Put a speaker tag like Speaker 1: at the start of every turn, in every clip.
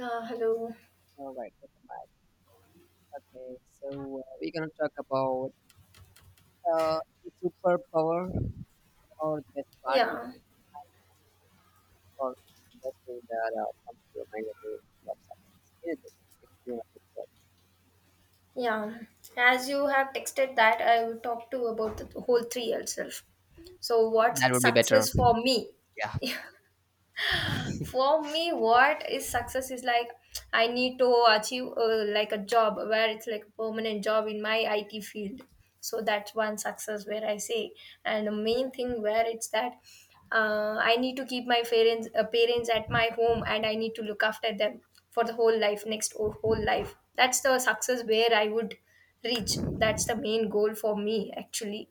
Speaker 1: Hello.
Speaker 2: All right, welcome back. Okay, so we're gonna talk about uh, the superpower or the best party
Speaker 1: Yeah,
Speaker 2: or the best thing that comes to your mind when you love success. Anything if you want to talk
Speaker 1: yeah. As you have texted that, I will talk to you about the whole three itself. So
Speaker 2: about. That
Speaker 1: what's
Speaker 2: would be better.
Speaker 1: success for me?
Speaker 2: Yeah.
Speaker 1: For me what is success is like I need to achieve like a job where it's like a permanent job in my IT field, so that's one success where I say. And the main thing where it's that I need to keep my parents at my home and I need to look after them for the whole life, whole life. That's the success where I would reach. That's the main goal for me actually.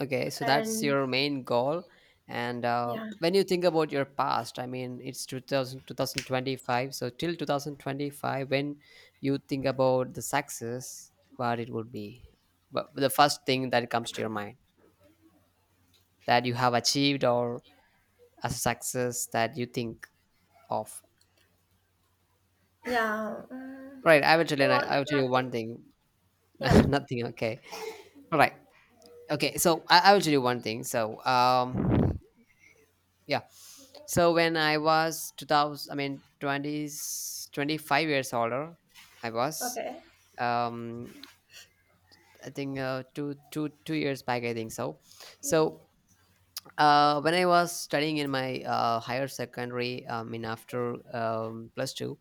Speaker 2: Okay, so that's
Speaker 1: And
Speaker 2: your main goal. And
Speaker 1: yeah,
Speaker 2: when you think about your past, I mean, it's 2000, 2025. So till 2025, when you think about the success, what it would be, but the first thing that comes to your mind, that you have achieved or as a success that you think of?
Speaker 1: yeah,
Speaker 2: Right, I will tell you.
Speaker 1: well,
Speaker 2: I will tell you one
Speaker 1: nothing.
Speaker 2: thing.
Speaker 1: Yeah.
Speaker 2: Nothing. Okay. All right. Okay. So I will tell you one thing. Yeah. So when I was 2000, I mean 20s, 25 years older, I was
Speaker 1: Okay.
Speaker 2: um, I think 2 2 2 years back. I think so. So when I was studying in my higher secondary, I mean after plus two,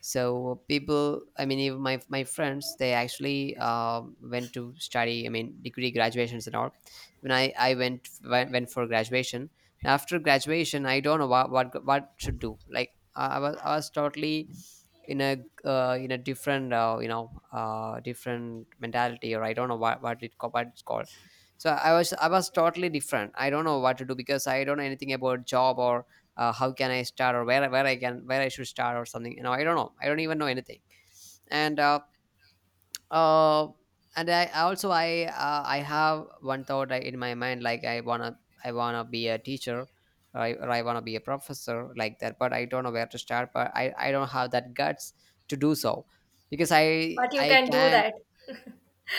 Speaker 2: so people, I mean, even my friends, they actually went to study. I mean, degree graduations and all. When I went for graduation. After graduation, I don't know what what should do. Like I was totally in a different different mentality or I don't know what it's called. So i was totally different. I don't know what to do, because I don't know anything about job, or how can I start, or where I can, where I should start or something. You know, I don't know, I don't even know anything. And uh, uh and I also I have one thought in my mind, like I wanna, I wanna be a teacher or I wanna be a professor, like that. But I don't know where to start, but i don't have that guts to do so, because i
Speaker 1: But you
Speaker 2: i
Speaker 1: can do
Speaker 2: can.
Speaker 1: that.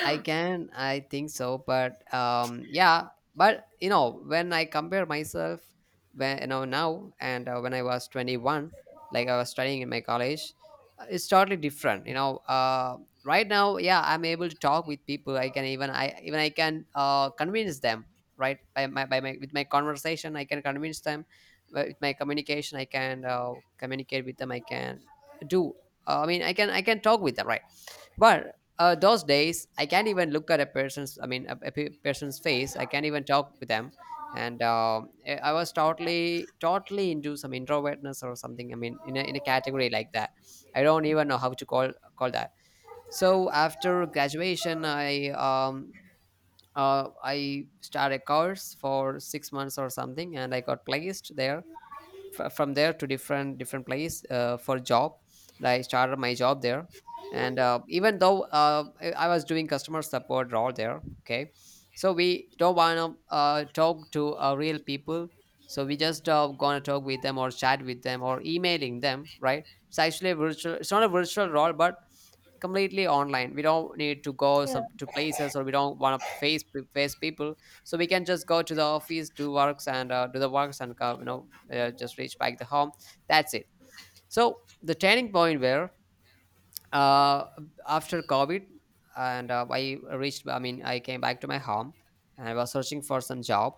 Speaker 2: I can, I think so, but yeah, but you know, when I compare myself, when you know now, and when I was 21, like I was studying in my college, it's totally different. You know, right now, yeah, I'm able to talk with people. I can even I can convince them, right? With my conversation, I can convince them. But with my communication, I can communicate with them. I can do. I mean, I can talk with them, right? But those days, I can't even look at a person's. I mean, a person's face. I can't even talk with them. And I was totally, totally into some introvertness or something. I mean, in a category like that, I don't even know how to call that. So after graduation, I started a course for 6 months or something, and I got placed there. From there to different place for job. And I started my job there. And even though I was doing customer support role there. Okay, so we don't want to talk to real people. So we just gonna talk with them, or chat with them, or emailing them, right? It's actually a virtual, it's not a virtual role, but completely online. We don't need to go
Speaker 1: Yeah.
Speaker 2: some to places, or we don't want to face face people. So we can just go to the office, do works, and do the works, and just reach back the home. That's it. So the turning point where uh, after COVID, and I reached. I mean, I came back to my home, and I was searching for some job,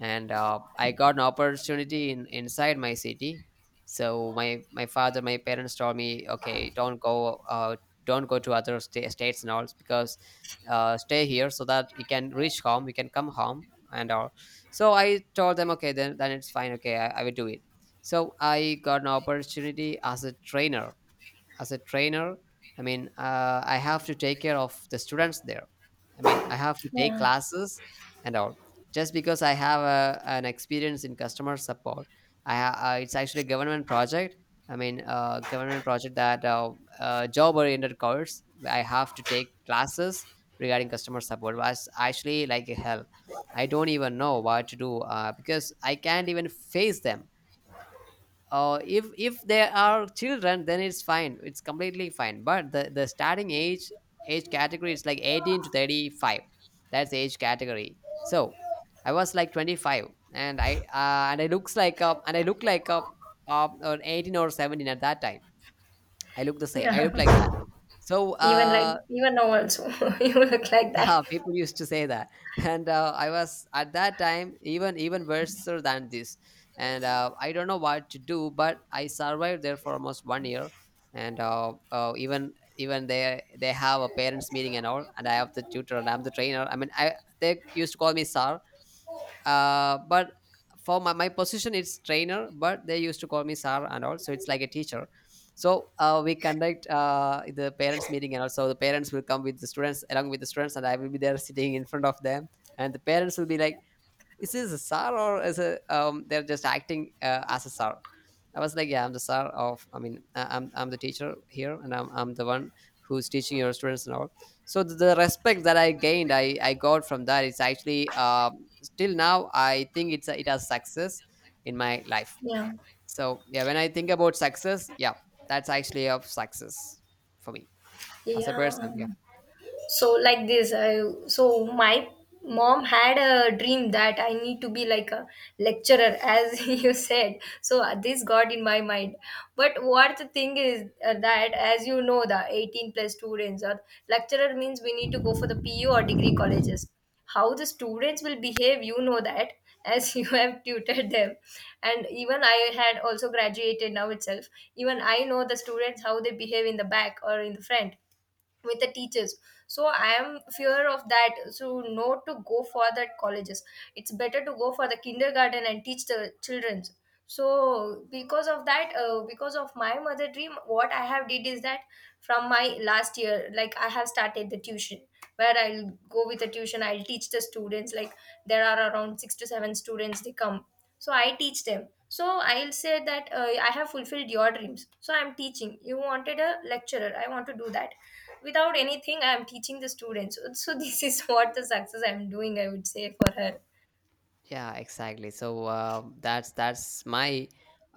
Speaker 2: and I got an opportunity in inside my city. So my parents told me, okay, don't go to other states and all, because stay here, so that you can reach home, you can come home and all. So I told them, okay, then it's fine. Okay, I will do it. So I got an opportunity as a trainer, as a trainer I mean I have to take care of the students there. I mean I have to take
Speaker 1: Yeah.
Speaker 2: classes and all, just because I have a, an experience in customer support. It's actually a government project. I mean government project, that job oriented course. I have to take classes regarding customer support. Was actually like hell. I don't even know what to do, because I can't even face them. If they are children, then it's fine, it's completely fine. But the starting age category is like 18 to 35. That's the age category. So I was like 25. And I look like a, an 18 or 17 at that time. I look the same, I look like that.
Speaker 1: Yeah.
Speaker 2: so
Speaker 1: Even like
Speaker 2: uh
Speaker 1: even now also, you look like
Speaker 2: yeah
Speaker 1: that.
Speaker 2: people used to say that and I was at that time even even worse than this. And I don't know what to do but I survived there for almost 1 year and even they have a parents meeting and all, and I have the tutor, and I'm the trainer, I mean I, they used to call me sir. But for my position it's trainer, but they used to call me sir and all, so it's like a teacher. So we conduct the parents meeting, and also the parents will come with the students, along with the students, and I will be there sitting in front of them. And the parents will be like, is this a sir, or is a they're just acting as a sir. I was like, yeah, I'm the star of. I mean, I'm the teacher here, and I'm the one who's teaching your students and all. So the respect that I gained, I got from that. It's actually still now I think it's a, it has success in my life.
Speaker 1: Yeah.
Speaker 2: So yeah, when I think about success, yeah, that's actually of success for me as a
Speaker 1: Yeah.
Speaker 2: person. Yeah.
Speaker 1: So like this, so my mom had a dream that I need to be like a lecturer, as you said. So this got in my mind. But what the thing is that, as you know, the 18 plus students, or lecturer means we need to go for the PU or degree colleges. How the students will behave, you know that, as you have tutored them. And even I had also graduated now itself, even I know the students how they behave in the back or in the front with the teachers. So I am fear of that, so no to go for that colleges. It's better to go for the kindergarten and teach the children. So because of that, because of my mother dream, what I have did is that from my last year, like I have started the tuition, where I'll go with the tuition, I'll teach the students. Like there are around 6 to 7 students, they come, so I teach them. So I'll say that I have fulfilled your dreams, so I'm teaching. You wanted a lecturer, I want to do that. Without anything, I'm teaching the students. So this is what the success I'm doing, I would say, for her.
Speaker 2: Yeah, exactly. So that's my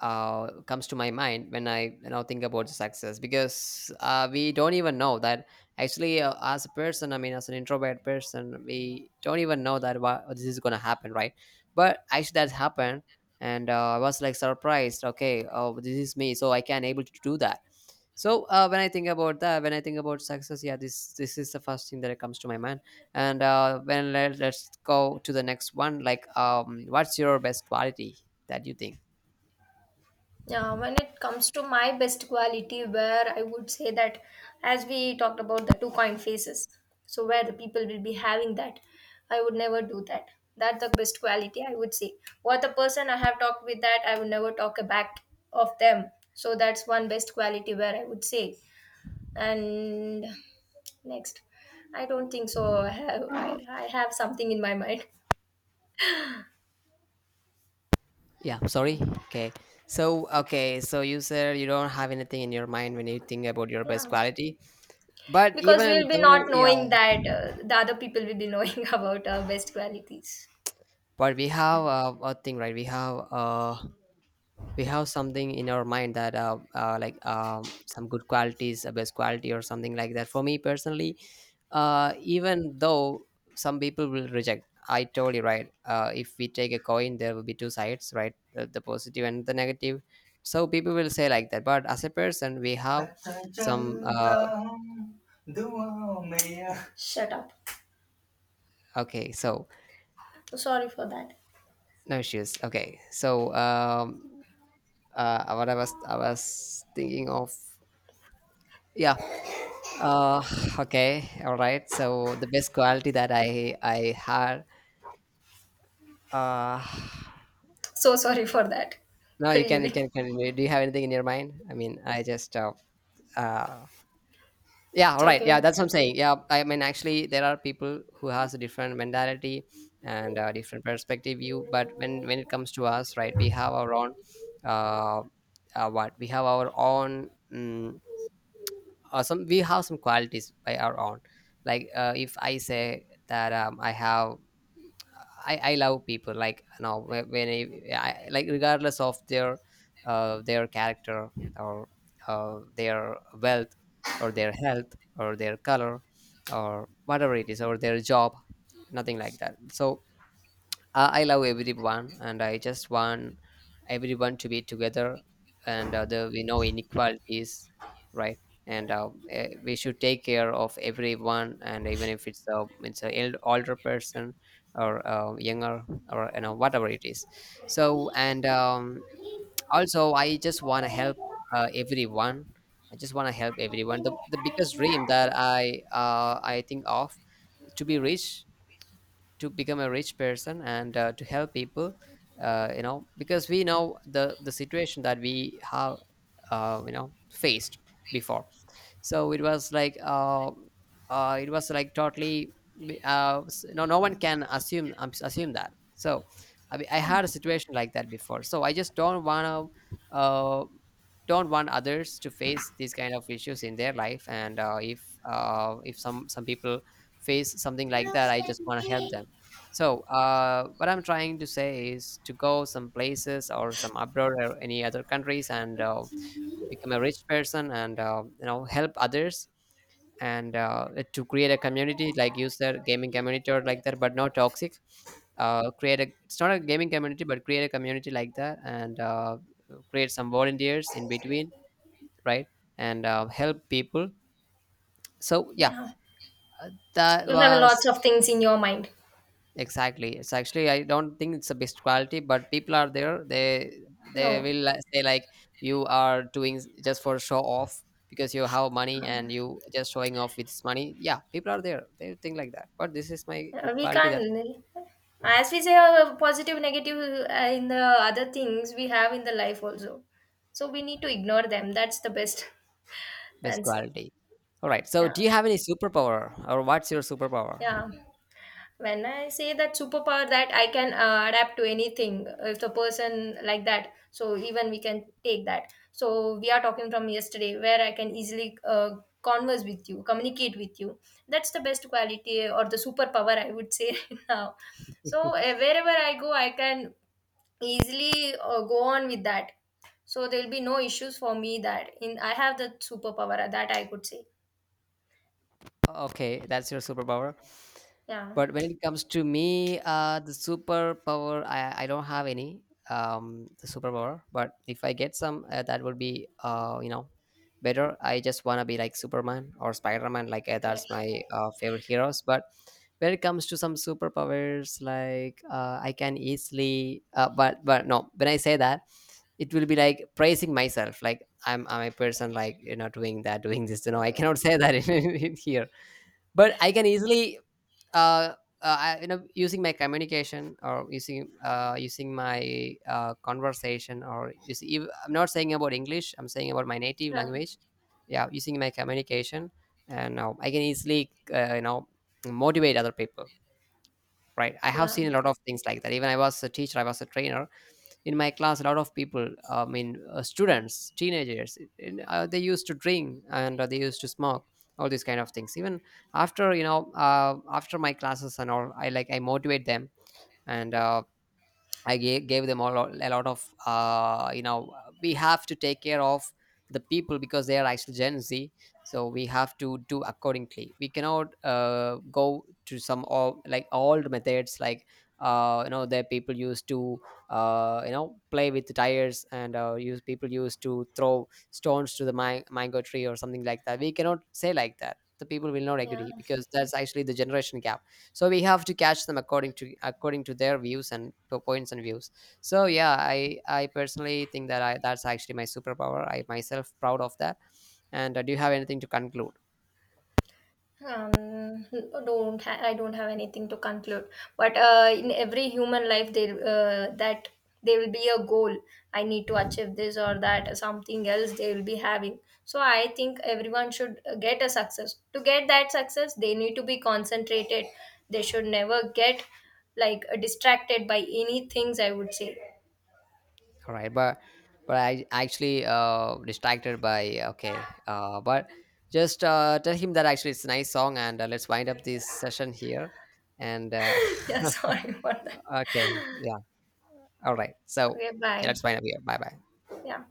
Speaker 2: comes to my mind when I you know think about success. Because we don't even know that actually, as a person. I mean, as an introvert person, we don't even know that what this is gonna happen, right? But actually, that happened, and I was like surprised. Okay, oh, this is me, so I can able to do that. So when I think about that, when I think about success, yeah, this is the first thing that comes to my mind. And when let's go to the next one, like what's your best quality that you think.
Speaker 1: Yeah, when it comes to my best quality, where I would say that, as we talked about the two coin faces, so where the people will be having that, I would never do that. That's the best quality I would say. What the person I have talked with that, I would never talk back of them. So that's one best quality where I would say. And next, I don't think so. I have something in my mind.
Speaker 2: Yeah, sorry. Okay. So okay, so you said you don't have anything in your mind when you think about your best
Speaker 1: Yeah.
Speaker 2: quality, but
Speaker 1: Because
Speaker 2: even
Speaker 1: we'll be not
Speaker 2: though, yeah,
Speaker 1: knowing that, the other people will be knowing about our best qualities.
Speaker 2: but we have a thing, right? We have something in our mind, that like some good qualities, a best quality or something like that for me personally. Even though some people will reject, I told you right, if we take a coin, there will be two sides, right? The positive and the negative. So people will say like that, but as a person, we have
Speaker 1: अच्छा
Speaker 2: some
Speaker 1: चलता हूँ दुआ में. Shut up.
Speaker 2: okay so.
Speaker 1: So sorry for that.
Speaker 2: No issues. Okay so what I was thinking of. Yeah. Uh, okay, all right. So the best quality that I had. Uh,
Speaker 1: So sorry for that.
Speaker 2: no, you
Speaker 1: Really.
Speaker 2: can continue. Do you have anything in your mind? I mean, I just uh yeah, all
Speaker 1: It's
Speaker 2: right, yeah.
Speaker 1: okay.
Speaker 2: That's what I'm saying. Yeah, I mean, actually, there are people who has a different mentality and a different perspective view. But when it comes to us, right, we have our own uh, what we have our own some we have some qualities by our own. Like if I say that I have I love people, like you know when, I like regardless of their character, or their wealth, or their health, or their color, or whatever it is, or their job. Nothing like that. So I love everyone, and I just want everyone to be together. And the we know inequalities, right? And we should take care of everyone, and even if it's a, it's a older person, or younger, or you know whatever it is. So and also, I just want to help everyone. I just want to help everyone. The biggest dream that I think of to be rich, to become a rich person and to help people, you know, because we know the situation that we have faced before. So it was like totally no one can assume, assume that. So I had a situation like that before, so I just don't want to don't want others to face these kind of issues in their life. And if some people face something like that, I just want to help them. So what I'm trying to say is to go some places or some abroad or any other countries and become a rich person and you know, help others, and to create a community like use their gaming community or like that, but not toxic. Create a, it's not a gaming community, but create a community like that, and create some volunteers in between, right, and help people. So yeah,
Speaker 1: Yeah.
Speaker 2: that
Speaker 1: You have lots
Speaker 2: was...
Speaker 1: of things in your mind.
Speaker 2: Exactly. It's actually, I don't think it's the best quality, but people are there. They
Speaker 1: No.
Speaker 2: will like say, like, you are doing just for show off because you have money and you just showing off with money. Yeah, people are there. They think like that. But this is my good
Speaker 1: We
Speaker 2: quality. That's
Speaker 1: can't. As we say, positive, negative, in the other things we have in the life also. So we need to ignore them. That's the best
Speaker 2: best
Speaker 1: answer.
Speaker 2: quality. All right. So
Speaker 1: Yeah.
Speaker 2: do you have any superpower, or what's your superpower?
Speaker 1: Yeah. When I say that superpower, that I can adapt to anything. If the person like that, so even we can take that, so we are talking from yesterday where I can easily converse with you, communicate with you. That's the best quality or the superpower I would say right now. So wherever I go, I can easily go on with that. So there will be no issues for me. That in I have the superpower that I could say.
Speaker 2: Okay, that's your superpower.
Speaker 1: Yeah.
Speaker 2: But when it comes to me, the superpower, I don't have any the superpower. But if I get some, that would be you know, better. I just wanna be like Superman or Spider Man. Like,
Speaker 1: Okay.
Speaker 2: that's my favorite heroes. But when it comes to some superpowers, like, I can easily, but no, when I say that, it will be like praising myself. Like, I'm a person, like, you know, doing that, doing this. You know, I cannot
Speaker 1: Um,
Speaker 2: say that in here. But I can easily uh, I, you know, using my communication, or using using my conversation, or using I'm not saying about English, I'm saying about my native
Speaker 1: yeah,
Speaker 2: language. Yeah, using my communication, and I can easily you know, motivate other people, right. I have
Speaker 1: yeah,
Speaker 2: seen a lot of things like that. Even I was a teacher, I was a trainer. In my class, a lot of people, I mean, students, teenagers, they used to drink and they used to smoke, all these kind of things. Even after, you know, after my classes and all, I like, I motivate them. And I gave them all a lot of, you know, we have to take care of the people because they are actually Gen Z. So we have to do accordingly. We cannot go to some old, like old methods, like, you know, the people used to, you know, play with the tires and use, people used to throw stones to the mango tree or something like that. We cannot say like that. The people will not
Speaker 1: yeah.
Speaker 2: agree because that's actually the generation gap. So we have to catch them according to, according to their views and points and views. So yeah, I personally think that I that's actually my superpower. I myself proud of that. And do you have anything to conclude?
Speaker 1: Um, don't ha- I don't have anything to conclude. But in every human life, there will be a goal. I need to achieve this or that, something else they will be having. So I think everyone should get a success. To get that success, they need to be concentrated. They should never get like distracted by any things, I would say.
Speaker 2: All right, but I actually distracted by, okay, but just tell him that actually it's a nice song, and let's wind up this session here, and
Speaker 1: yeah, sorry for that.
Speaker 2: okay, yeah. All right. So
Speaker 1: Okay,
Speaker 2: yeah,
Speaker 1: bye.
Speaker 2: let's wind up here. Bye bye.
Speaker 1: Yeah.